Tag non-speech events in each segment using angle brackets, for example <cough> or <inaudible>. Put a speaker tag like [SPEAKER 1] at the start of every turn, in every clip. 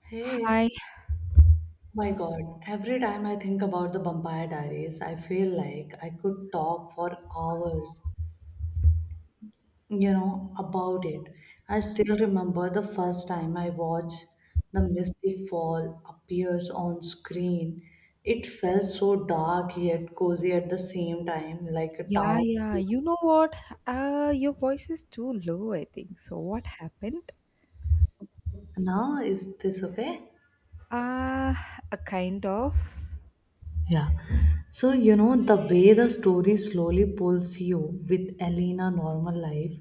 [SPEAKER 1] Hey,
[SPEAKER 2] Hi.
[SPEAKER 1] my God, every time I think about the Vampire Diaries, I feel like I could talk for hours, about it. I still remember the first time I watched the Mystic Fall appears on screen. It felt so dark yet cozy at the same time, like a
[SPEAKER 2] Yeah,
[SPEAKER 1] town.
[SPEAKER 2] yeah. You know what? Your voice is too low, I think. So what happened?
[SPEAKER 1] Now, is this okay?
[SPEAKER 2] Uh, a kind of.
[SPEAKER 1] Yeah. So, the way the story slowly pulls you with Elena normal life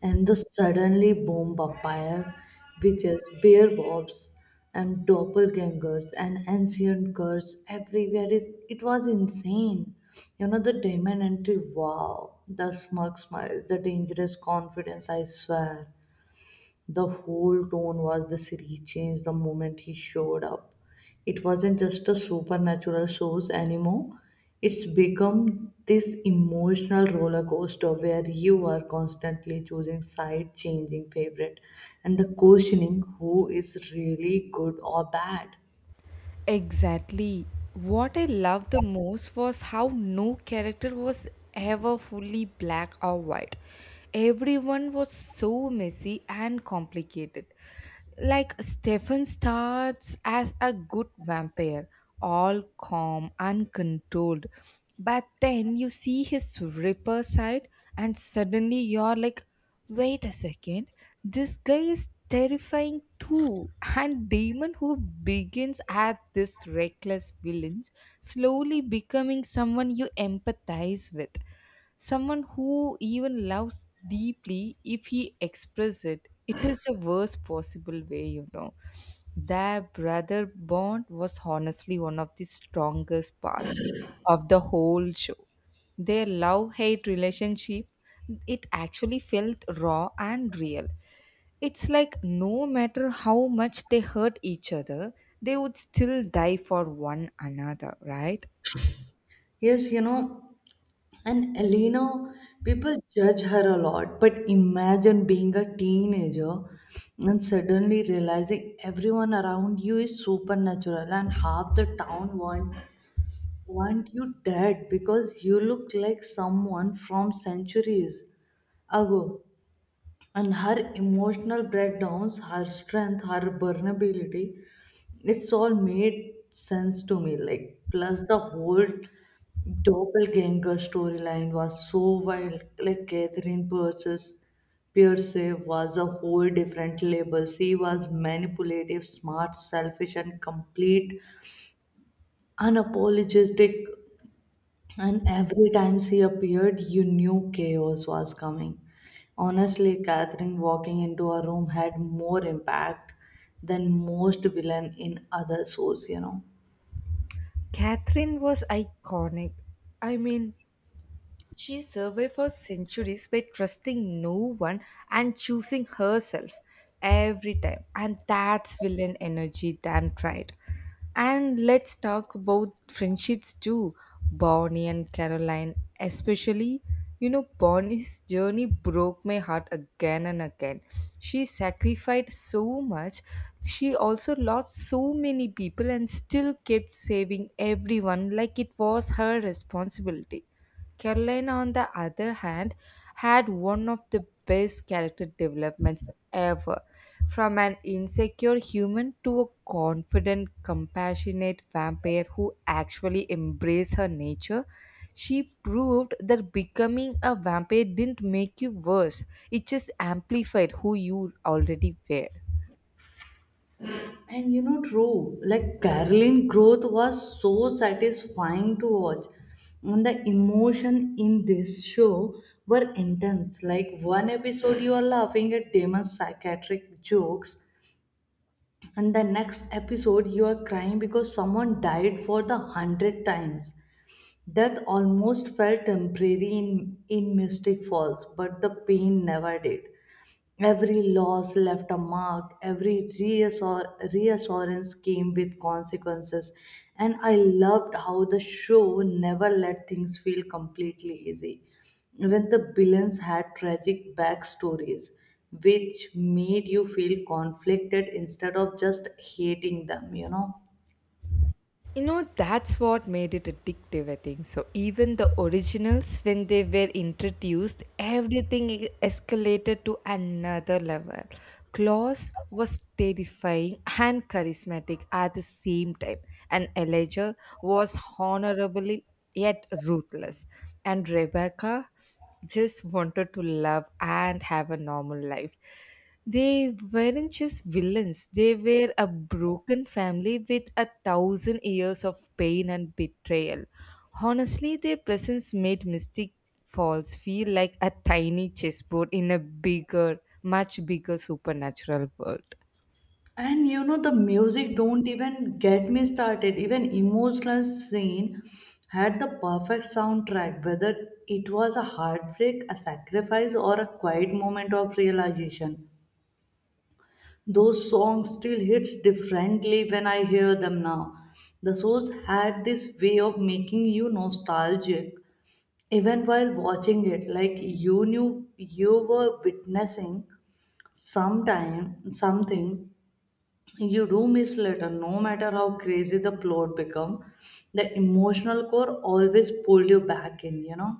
[SPEAKER 1] and the suddenly boom vampire, witches, werewolves, and doppelgangers and ancient curse everywhere. It was insane. The demon entry, wow. The smug smile, the dangerous confidence, I swear. The whole tone was the series changed the moment he showed up. It wasn't just a supernatural shows anymore. It's become this emotional roller coaster where you are constantly choosing side, changing favorite, and the questioning who is really good or bad.
[SPEAKER 2] Exactly. What I loved the most was how no character was ever fully black or white. Everyone was so messy and complicated. Like Stefan starts as a good vampire, all calm, uncontrolled. But then you see his ripper side, and suddenly you're like, wait a second. This guy is terrifying too. And Damon, who begins at this reckless villain, slowly becoming someone you empathize with. Someone who even loves deeply if he expresses it. It is the worst possible way, you know. Their brother bond was honestly one of the strongest parts of the whole show, their love hate relationship, it actually felt raw and real. It's like no matter how much they hurt each other, they would still die for one another, right.
[SPEAKER 1] Yes, and Elena, people judge her a lot, but imagine being a teenager and suddenly realizing everyone around you is supernatural and half the town want you dead because you look like someone from centuries ago. And her emotional breakdowns, her strength, her vulnerability, it's all made sense to me, like plus the whole doppelganger storyline was so wild, like Catherine purses pierce was a whole different label. She was manipulative, smart, selfish, and complete unapologetic. And every time she appeared, you knew chaos was coming. Honestly, Catherine walking into a room had more impact than most villain in other shows.
[SPEAKER 2] Catherine was iconic. I mean, she survived for centuries by trusting no one and choosing herself every time. And that's villain energy than right. And let's talk about friendships too. Bonnie and Caroline, especially. You know, Bonnie's journey broke my heart again and again. She sacrificed so much. She also lost so many people and still kept saving everyone like it was her responsibility. Caroline, on the other hand, had one of the best character developments ever. From an insecure human to a confident, compassionate vampire who actually embraced her nature, she proved that becoming a vampire didn't make you worse, it just amplified who you already were.
[SPEAKER 1] And true, like Carolyn growth was so satisfying to watch. And the emotion in this show were intense. Like one episode you are laughing at Damon's psychiatric jokes, and the next episode you are crying because someone died for the hundred times. That almost felt temporary in Mystic Falls, but the pain never did. Every loss left a mark, every reassurance came with consequences, and I loved how the show never let things feel completely easy. Even the villains had tragic backstories, which made you feel conflicted instead of just hating them.
[SPEAKER 2] You know, that's what made it addictive, I think. So, even the originals, when they were introduced, everything escalated to another level. Klaus was terrifying and charismatic at the same time, and Elijah was honorably yet ruthless. And Rebecca just wanted to love and have a normal life. They weren't just villains, they were a broken family with a thousand years of pain and betrayal. Honestly, their presence made Mystic Falls feel like a tiny chessboard in a bigger, much bigger supernatural world.
[SPEAKER 1] And the music, don't even get me started. Even emotional scene had the perfect soundtrack, whether it was a heartbreak, a sacrifice, or a quiet moment of realization. Those songs still hits differently when I hear them now. The shows had this way of making you nostalgic, even while watching it, like you knew you were witnessing sometime something you do miss later, no matter how crazy the plot become. The emotional core always pull you back in.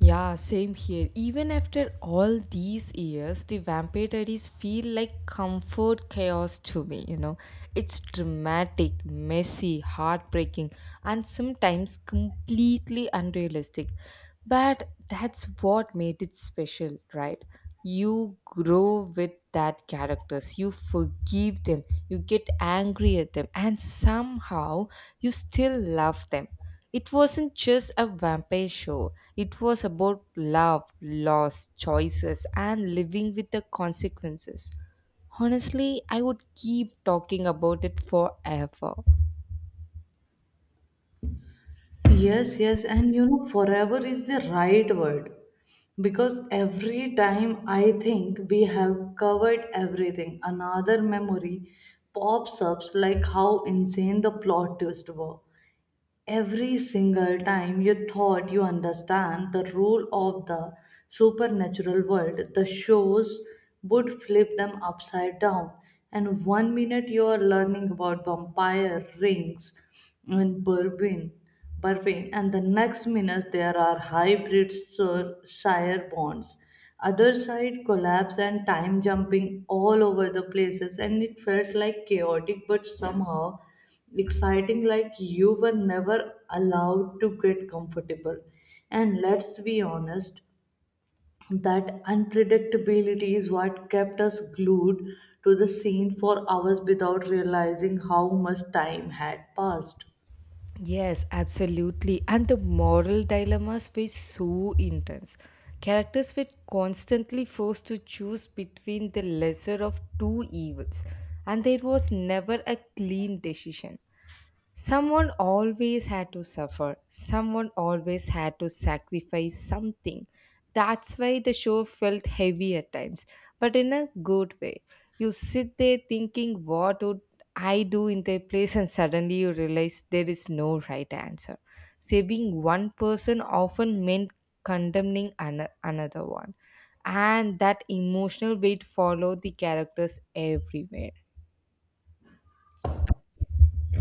[SPEAKER 2] Yeah, same here. Even after all these years, the Vampire Diaries feel like comfort chaos to me, you know. It's dramatic, messy, heartbreaking, and sometimes completely unrealistic. But that's what made it special, right? You grow with that characters, you forgive them, you get angry at them, and somehow you still love them. It wasn't just a vampire show, it was about love, loss, choices, and living with the consequences. Honestly, I would keep talking about it forever.
[SPEAKER 1] Yes, yes, and forever is the right word, because every time I think we have covered everything, another memory pops up, like how insane the plot twist were. Every single time you thought you understand the rule of the supernatural world, the shows would flip them upside down. And 1 minute you are learning about vampire rings in Berwin, and the next minute there are hybrid sire bonds. Other side collapse and time jumping all over the places, and it felt like chaotic, but somehow exciting, like you were never allowed to get comfortable. And let's be honest, that unpredictability is what kept us glued to the scene for hours without realizing how much time had passed.
[SPEAKER 2] Yes, absolutely. And the moral dilemmas were so intense. Characters were constantly forced to choose between the lesser of two evils, and there was never a clean decision. Someone always had to suffer. Someone always had to sacrifice something. That's why the show felt heavy at times, but in a good way. You sit there thinking, what would I do in their place? And suddenly you realize there is no right answer. Saving one person often meant condemning another one. And that emotional weight followed the characters everywhere.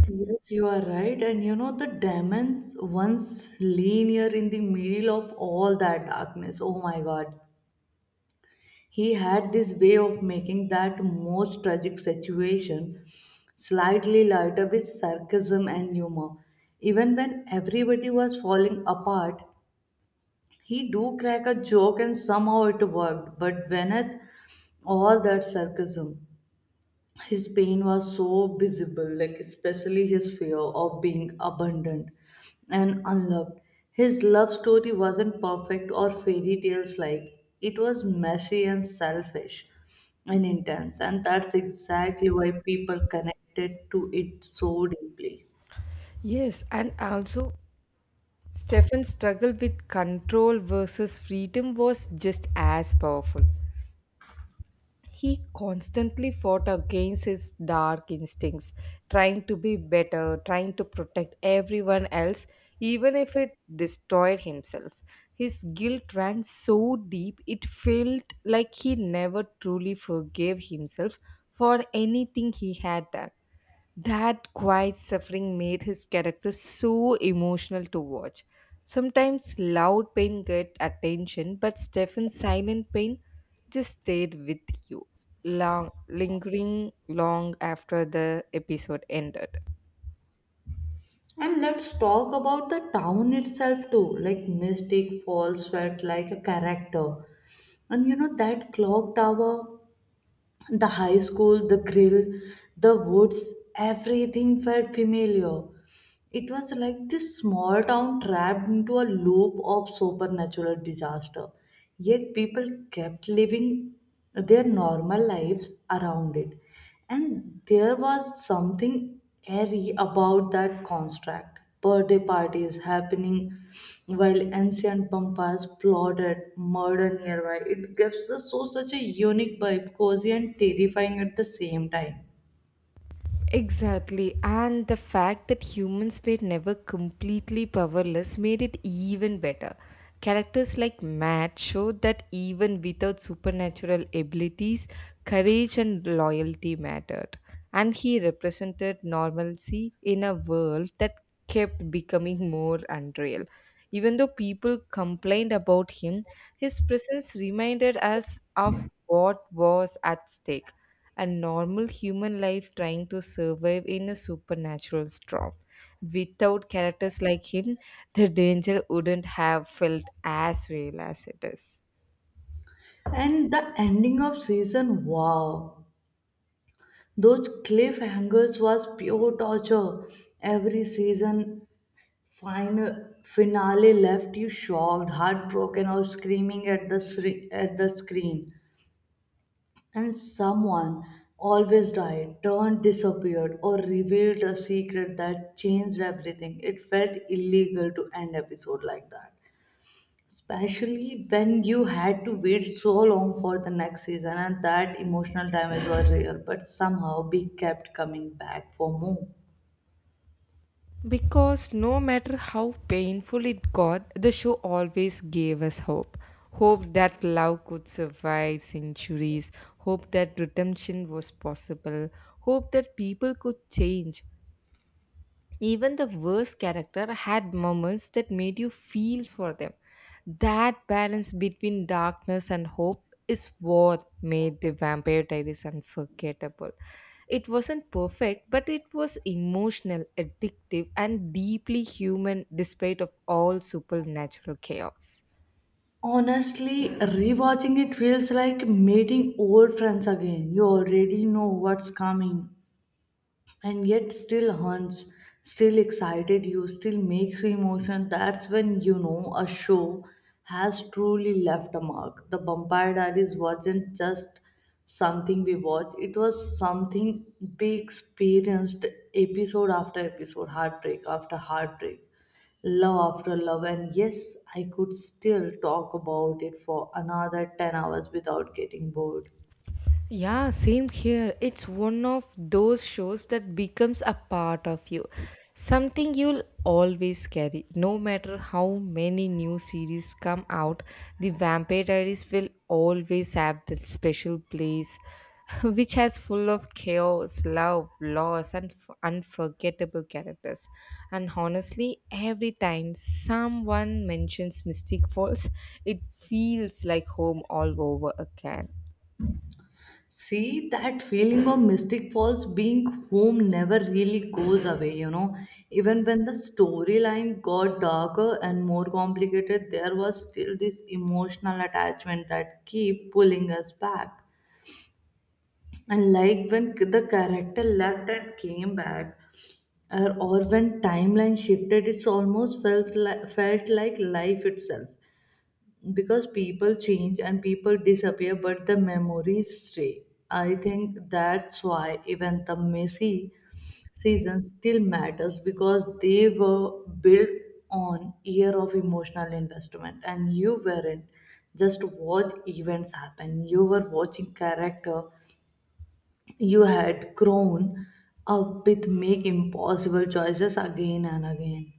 [SPEAKER 1] Yes, you are right. And the diamonds once linear in the middle of all that darkness. Oh my God. He had this way of making that most tragic situation slightly lighter with sarcasm and humor. Even when everybody was falling apart, he do crack a joke and somehow it worked. But beneath all that sarcasm, his pain was so visible, like especially his fear of being abandoned and unloved. His love story wasn't perfect or fairy tales, like it was messy and selfish and intense, and that's exactly why people connected to it so deeply.
[SPEAKER 2] Yes, and also Stefan's struggle with control versus freedom was just as powerful. He constantly fought against his dark instincts, trying to be better, trying to protect everyone else, even if it destroyed himself. His guilt ran so deep, it felt like he never truly forgave himself for anything he had done. That quiet suffering made his character so emotional to watch. Sometimes loud pain get attention, but Stefan's silent pain just stayed with you, long, lingering long after the episode ended.
[SPEAKER 1] And let's talk about the town itself too. Like Mystic Falls felt like a character. And you know that clock tower, the high school, the grill, the woods, everything felt familiar. It was like this small town trapped into a loop of supernatural disaster. Yet people kept living their normal lives around it. And there was something airy about that contract. Birthday parties happening while ancient pampas plotted murder nearby. It gives the show such a unique vibe, cozy and terrifying at the same time.
[SPEAKER 2] Exactly, and the fact that humans were never completely powerless made it even better. Characters like Matt showed that even without supernatural abilities, courage and loyalty mattered. And he represented normalcy in a world that kept becoming more unreal. Even though people complained about him, his presence reminded us of what was at stake, a normal human life trying to survive in a supernatural storm. Without characters like him, the danger wouldn't have felt as real as it is.
[SPEAKER 1] And the ending of season, wow. Those cliffhangers was pure torture. Every season finale left you shocked, heartbroken, or screaming at the screen. And someone always died, turned, disappeared, or revealed a secret that changed everything. It felt illegal to end episode like that, especially when you had to wait so long for the next season, and that emotional damage was real, but somehow we kept coming back for more.
[SPEAKER 2] Because no matter how painful it got, the show always gave us hope. Hope that love could survive centuries, hope that redemption was possible, hope that people could change. Even the worst character had moments that made you feel for them. That balance between darkness and hope is what made the Vampire Diaries unforgettable. It wasn't perfect, but it was emotional, addictive, and deeply human despite of all supernatural chaos.
[SPEAKER 1] Honestly, rewatching it feels like meeting old friends again. You already know what's coming, and yet still haunts, still excited you, still makes you emotional. That's when you know a show has truly left a mark. The Vampire Diaries wasn't just something we watched, it was something we experienced, episode after episode, heartbreak after heartbreak. Love after love, and yes, I could still talk about it for another 10 hours without getting bored.
[SPEAKER 2] Yeah, same here. It's one of those shows that becomes a part of you. Something you'll always carry. No matter how many new series come out, the Vampire Diaries will always have that special place <laughs> which has full of chaos, love, loss, and unforgettable characters. And honestly, every time someone mentions Mystic Falls, it feels like home all over again.
[SPEAKER 1] See, that feeling of Mystic Falls being home never really goes away. Even when the storyline got darker and more complicated, there was still this emotional attachment that keep pulling us back. And like when the character left and came back, or when timeline shifted, it's almost felt like life itself, because people change and people disappear, but the memories stay. I think that's why even the messy season still matters, because they were built on year of emotional investment, and you weren't just watch events happen, you were watching character you had grown up with make impossible choices again and again.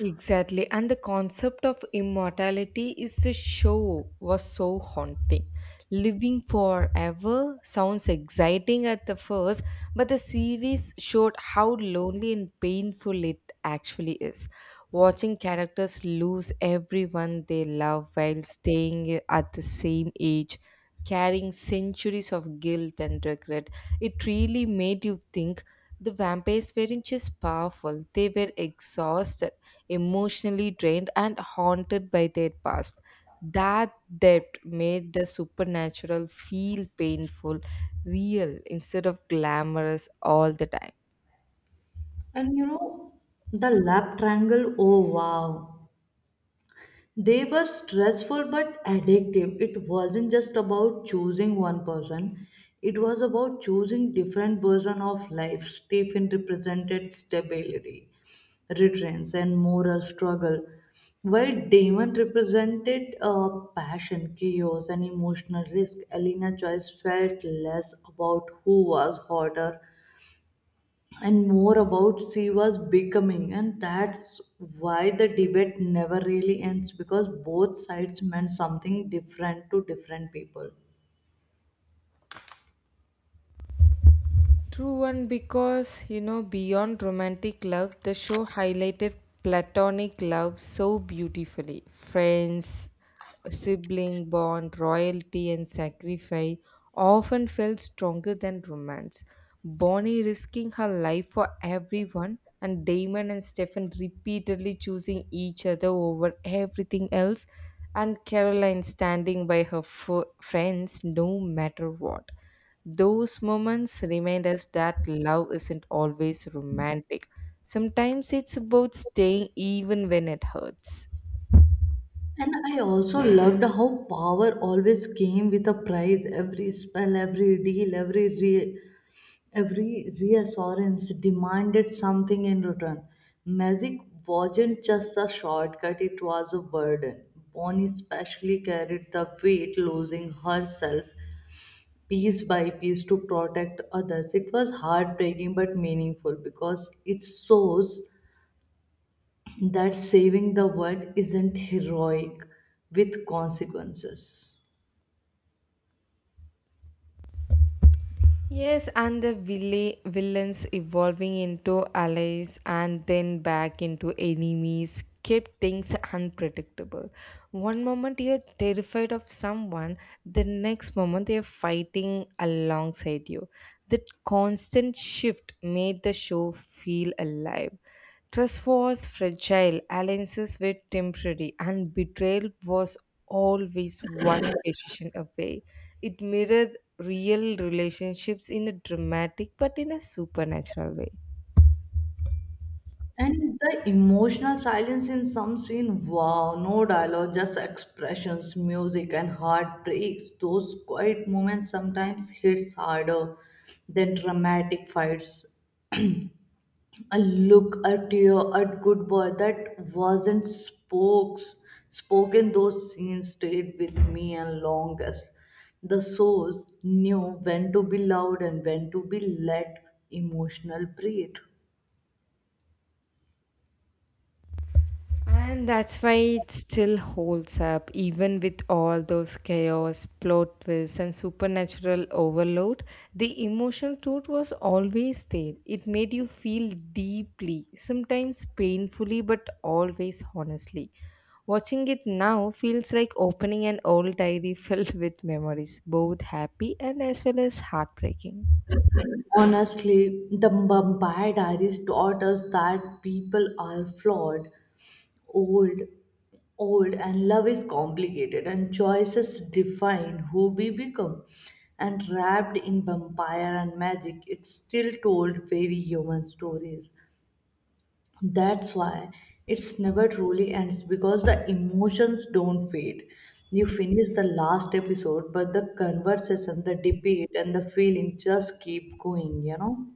[SPEAKER 2] Exactly, and the concept of immortality is a show was so haunting. Living forever sounds exciting at the first, but the series showed how lonely and painful it actually is. Watching characters lose everyone they love while staying at the same age, carrying centuries of guilt and regret, it really made you think the vampires weren't just powerful, they were exhausted, emotionally drained and haunted by their past. That debt made the supernatural feel painful, real, instead of glamorous all the time.
[SPEAKER 1] And the lap triangle, oh wow. They were stressful but addictive. It wasn't just about choosing one person. It was about choosing different version of life. Stephen represented stability, returns, and moral struggle, while Damon represented passion, chaos, and emotional risk. Elena Joyce felt less about who was hotter and more about she was becoming, and that's why the debate never really ends, because both sides meant something different to different people.
[SPEAKER 2] True, one because you know, beyond romantic love, the show highlighted platonic love so beautifully. Friends, sibling bond, royalty, and sacrifice often felt stronger than romance. Bonnie risking her life for everyone, and Damon and Stefan repeatedly choosing each other over everything else, and Caroline standing by her friends no matter what, those moments remind us that love isn't always romantic. Sometimes it's about staying even when it hurts.
[SPEAKER 1] And I also loved how power always came with a price. Every spell, every deal, every reassurance demanded something in return. Magic wasn't just a shortcut, it was a burden. Bonnie especially carried the weight, losing herself piece by piece to protect others. It was heartbreaking but meaningful, because it shows that saving the world isn't heroic with consequences.
[SPEAKER 2] Yes, and the villains evolving into allies and then back into enemies kept things unpredictable. One moment you're terrified of someone, the next moment they're fighting alongside you. That constant shift made the show feel alive. Trust was fragile, alliances were temporary, and betrayal was always one decision away. It mirrored real relationships in a dramatic but in a supernatural way.
[SPEAKER 1] And the emotional silence in some scene, wow, no dialogue, just expressions, music, and heartbreaks. Those quiet moments sometimes hits harder than dramatic fights. I look at you, at good boy. That wasn't spokes spoken. Those scenes stayed with me and longest. The souls knew when to be loud and when to be let emotional breathe.
[SPEAKER 2] And that's why it still holds up, even with all those chaos, plot twists, and supernatural overload. The emotional truth was always there. It made you feel deeply, sometimes painfully, but always honestly. Watching it now feels like opening an old diary <laughs> filled with memories, both happy and as well as heartbreaking.
[SPEAKER 1] Honestly, the Mumbai diaries taught us that people are flawed, old old, and love is complicated, and choices define who we become, and wrapped in vampire and magic, it still told very human stories. That's why it's never truly ends, because the emotions don't fade. You finish the last episode, but the conversation, the debate, and the feeling just keep going.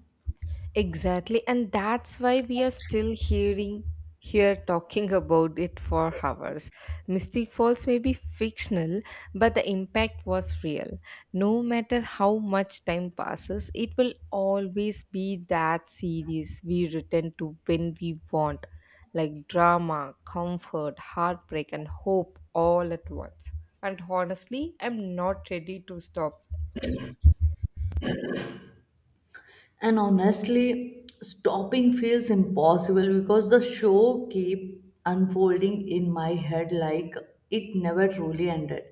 [SPEAKER 2] Exactly, and that's why we are still hearing here talking about it for hours. Mystic Falls may be fictional, but the impact was real. No matter how much time passes, it will always be that series we return to when we want, like drama, comfort, heartbreak, and hope all at once. And honestly, I'm not ready to stop.
[SPEAKER 1] And honestly, stopping feels impossible, because the show keep unfolding in my head like it never truly ended.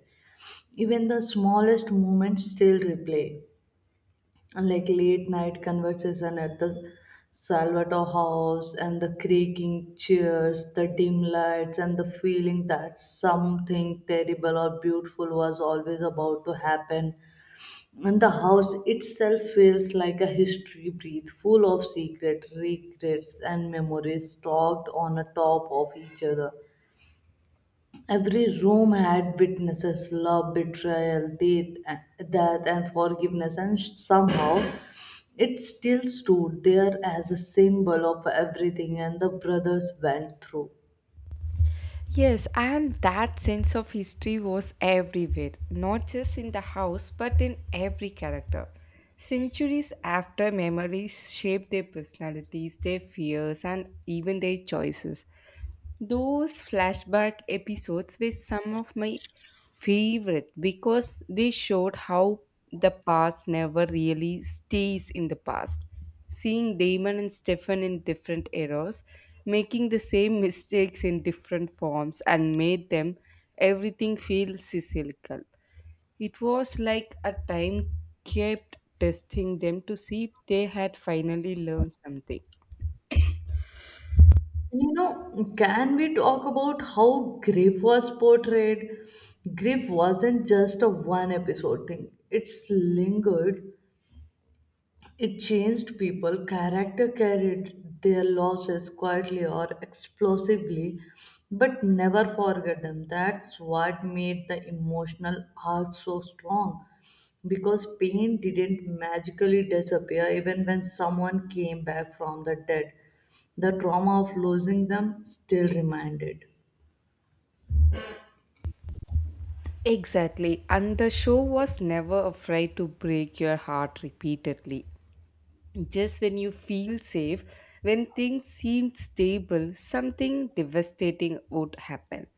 [SPEAKER 1] Even the smallest moments still replay. And like late night conversation at the Salvatore house, and the creaking chairs, the dim lights, and the feeling that something terrible or beautiful was always about to happen, and the house itself feels like a history breath, full of secret regrets and memories stacked on a top of each other. Every room had witnesses, love, betrayal, death, death and forgiveness, and somehow it still stood there as a symbol of everything and the brothers went through.
[SPEAKER 2] Yes, and that sense of history was everywhere, not just in the house, but in every character. Centuries after, memories shape their personalities, their fears, and even their choices. Those flashback episodes were some of my favorite because they showed how the past never really stays in the past. Seeing Damon and Stefan in different eras, making the same mistakes in different forms, and made them everything feel cyclical. It was like a time kept testing them to see if they had finally learned something.
[SPEAKER 1] Can we talk about how Griff was portrayed? Griff wasn't just a one episode thing, it's lingered, it changed people. Character carried their losses quietly or explosively, but never forget them. That's what made the emotional arc so strong. Because pain didn't magically disappear even when someone came back from the dead. The trauma of losing them still reminded.
[SPEAKER 2] Exactly. And the show was never afraid to break your heart repeatedly. Just when you feel safe, when things seemed stable, something devastating would happen.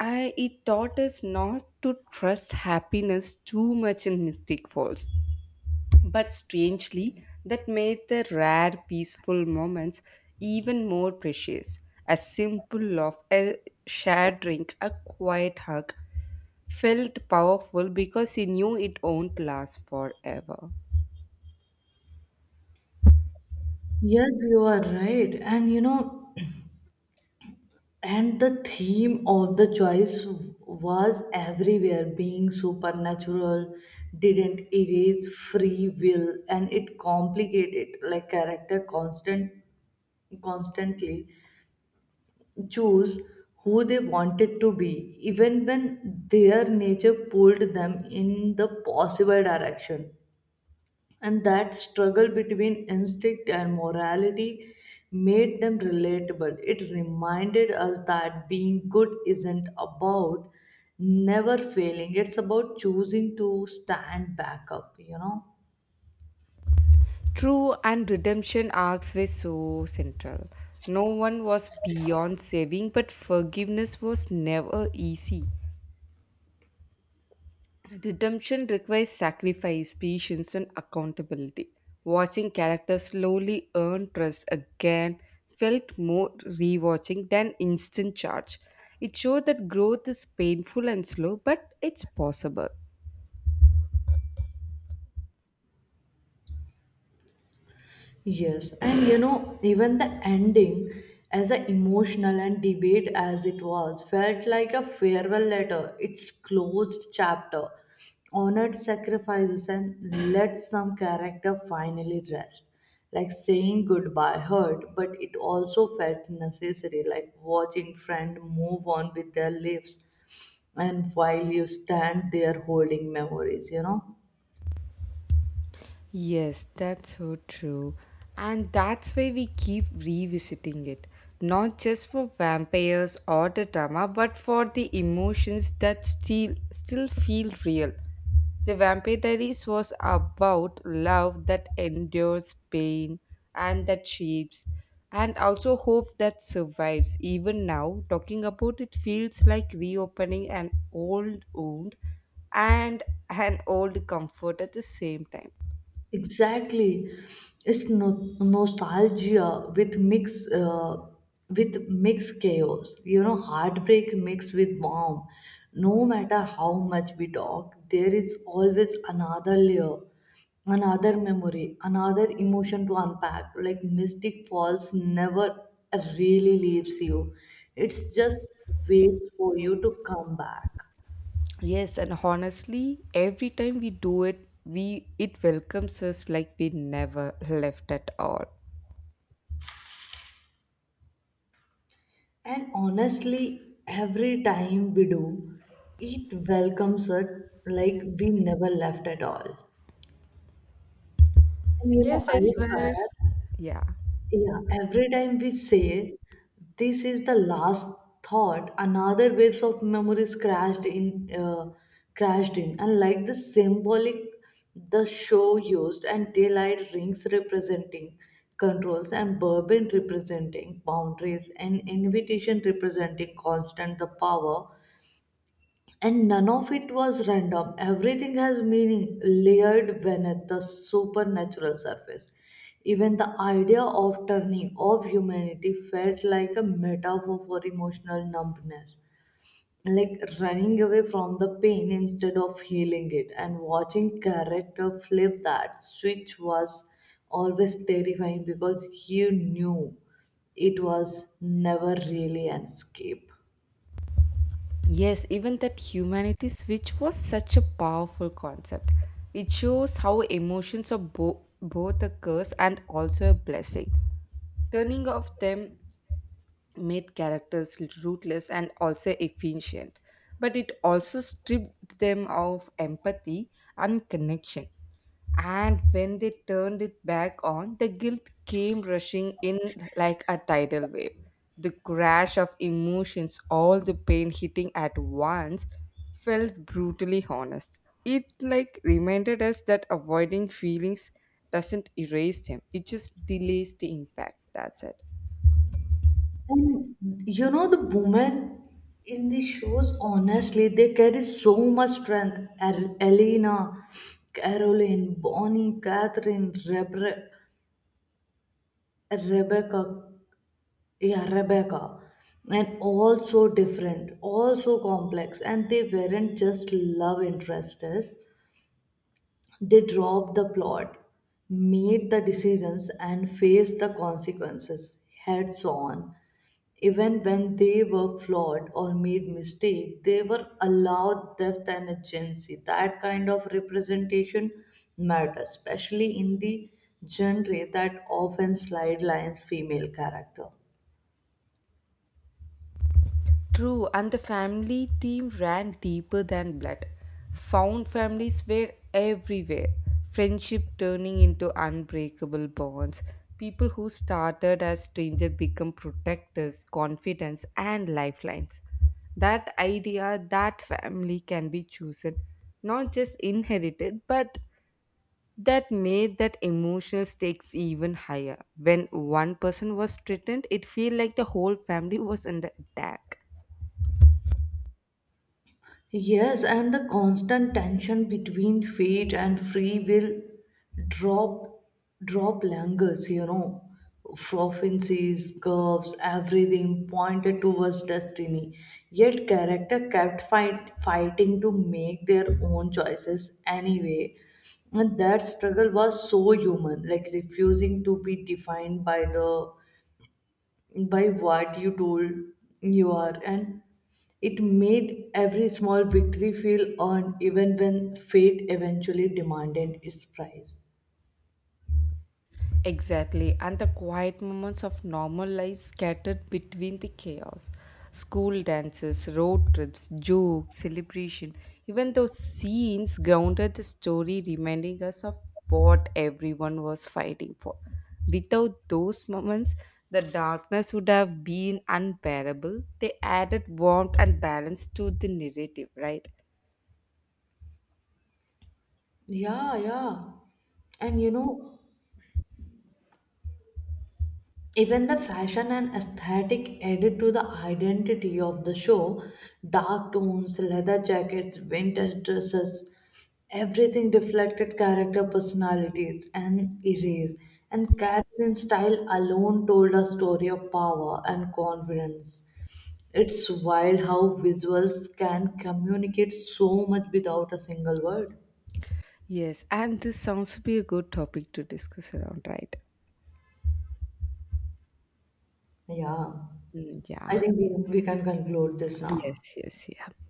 [SPEAKER 2] It taught us not to trust happiness too much in Mystic Falls. But strangely, that made the rare peaceful moments even more precious. A simple laugh, a shared drink, a quiet hug, felt powerful because he knew it won't last forever.
[SPEAKER 1] Yes, you are right. And the theme of the choice was everywhere. Being supernatural didn't erase free will, and it complicated, like character constantly choose who they wanted to be, even when their nature pulled them in the possible direction. And that struggle between instinct and morality made them relatable. It reminded us that being good isn't about never failing, it's about choosing to stand back up.
[SPEAKER 2] True, and redemption arcs were so central. No one was beyond saving, but forgiveness was never easy. Redemption requires sacrifice, patience, and accountability. Watching characters slowly earn trust again felt more rewatching than instant charge. It showed that growth is painful and slow, but it's possible.
[SPEAKER 1] Yes, and even the ending, as a emotional and debate as it was, felt like a farewell letter. It's closed chapter, honored sacrifices, and let some character finally rest. Like saying goodbye hurt, but it also felt necessary, like watching friend move on with their lives, and while you stand there holding memories.
[SPEAKER 2] Yes, that's so true. And that's why we keep revisiting it. Not just for vampires or the drama, but for the emotions that still feel real. The Vampire Diaries was about love that endures pain and that shapes, and also hope that survives. Even now, talking about it feels like reopening an old wound and an old comfort at the same time.
[SPEAKER 1] Exactly, it's nostalgia with mixed chaos. Heartbreak mixed with warmth. No matter how much we talk, there is always another layer, another memory, another emotion to unpack. Like Mystic Falls never really leaves you. It's just waits for you to come back.
[SPEAKER 2] Yes, and honestly, every time we do it, we it welcomes us like we never left at all.
[SPEAKER 1] And honestly, every time we do, it welcomes us like we never left at all. And I swear,
[SPEAKER 2] Yeah.
[SPEAKER 1] yeah, every time we say this is the last thought, another waves of memories crashed in, and like the symbolic the show used, and daylight rings representing controls, and bourbon representing boundaries, and invitation representing constant the power. And none of it was random. Everything has meaning layered beneath the supernatural surface. Even the idea of turning off humanity felt like a metaphor for emotional numbness, like running away from the pain instead of healing it. And watching character flip that switch was always terrifying, because you knew it was never really an escape.
[SPEAKER 2] Yes, even that humanity switch was such a powerful concept. It shows how emotions are both a curse and also a blessing. Turning off them made characters rootless and also efficient, but it also stripped them of empathy and connection. And when they turned it back on, the guilt came rushing in like a tidal wave. The crash of emotions, all the pain hitting at once, felt brutally honest. It like reminded us that avoiding feelings doesn't erase them, it just delays the impact. That's it.
[SPEAKER 1] And the women in the shows, honestly, they carry so much strength. Elena, Caroline, Bonnie, Catherine, Rebecca, yeah, Rebecca, and all so different, all so complex. And they weren't just love interests. They dropped the plot, made the decisions, and faced the consequences heads on. Even when they were flawed or made mistakes, they were allowed depth and agency. That kind of representation matters, especially in the genre that often sidelines female character.
[SPEAKER 2] True, and the family theme ran deeper than blood. Found families were everywhere, friendship turning into unbreakable bonds. People who started as strangers become protectors, confidants, and lifelines. That idea that family can be chosen, not just inherited, but that made that emotional stakes even higher. When one person was threatened, it felt like the whole family was under attack.
[SPEAKER 1] Yes, and the constant tension between fate and free will drop drop langers. Proficiencies, curves, everything pointed towards destiny. Yet character kept fighting to make their own choices anyway. And that struggle was so human, like refusing to be defined by the by what you told you are, and it made every small victory feel earned, even when fate eventually demanded its price.
[SPEAKER 2] Exactly, and the quiet moments of normal life scattered between the chaos. School dances, road trips, jokes, celebration. Even those scenes grounded the story, reminding us of what everyone was fighting for. Without those moments, the darkness would have been unbearable. They added warmth and balance to the narrative, right?
[SPEAKER 1] Yeah, yeah. And even the fashion and aesthetic added to the identity of the show, dark tones, leather jackets, vintage dresses, everything reflected character personalities and erase. And Catherine's style alone told a story of power and confidence. It's wild how visuals can communicate so much without a single word.
[SPEAKER 2] Yes, and this sounds to be a good topic to discuss around, right?
[SPEAKER 1] Yeah,
[SPEAKER 2] Mm,
[SPEAKER 1] I
[SPEAKER 2] yeah.
[SPEAKER 1] think we can conclude this now.
[SPEAKER 2] Yes, yes, yeah.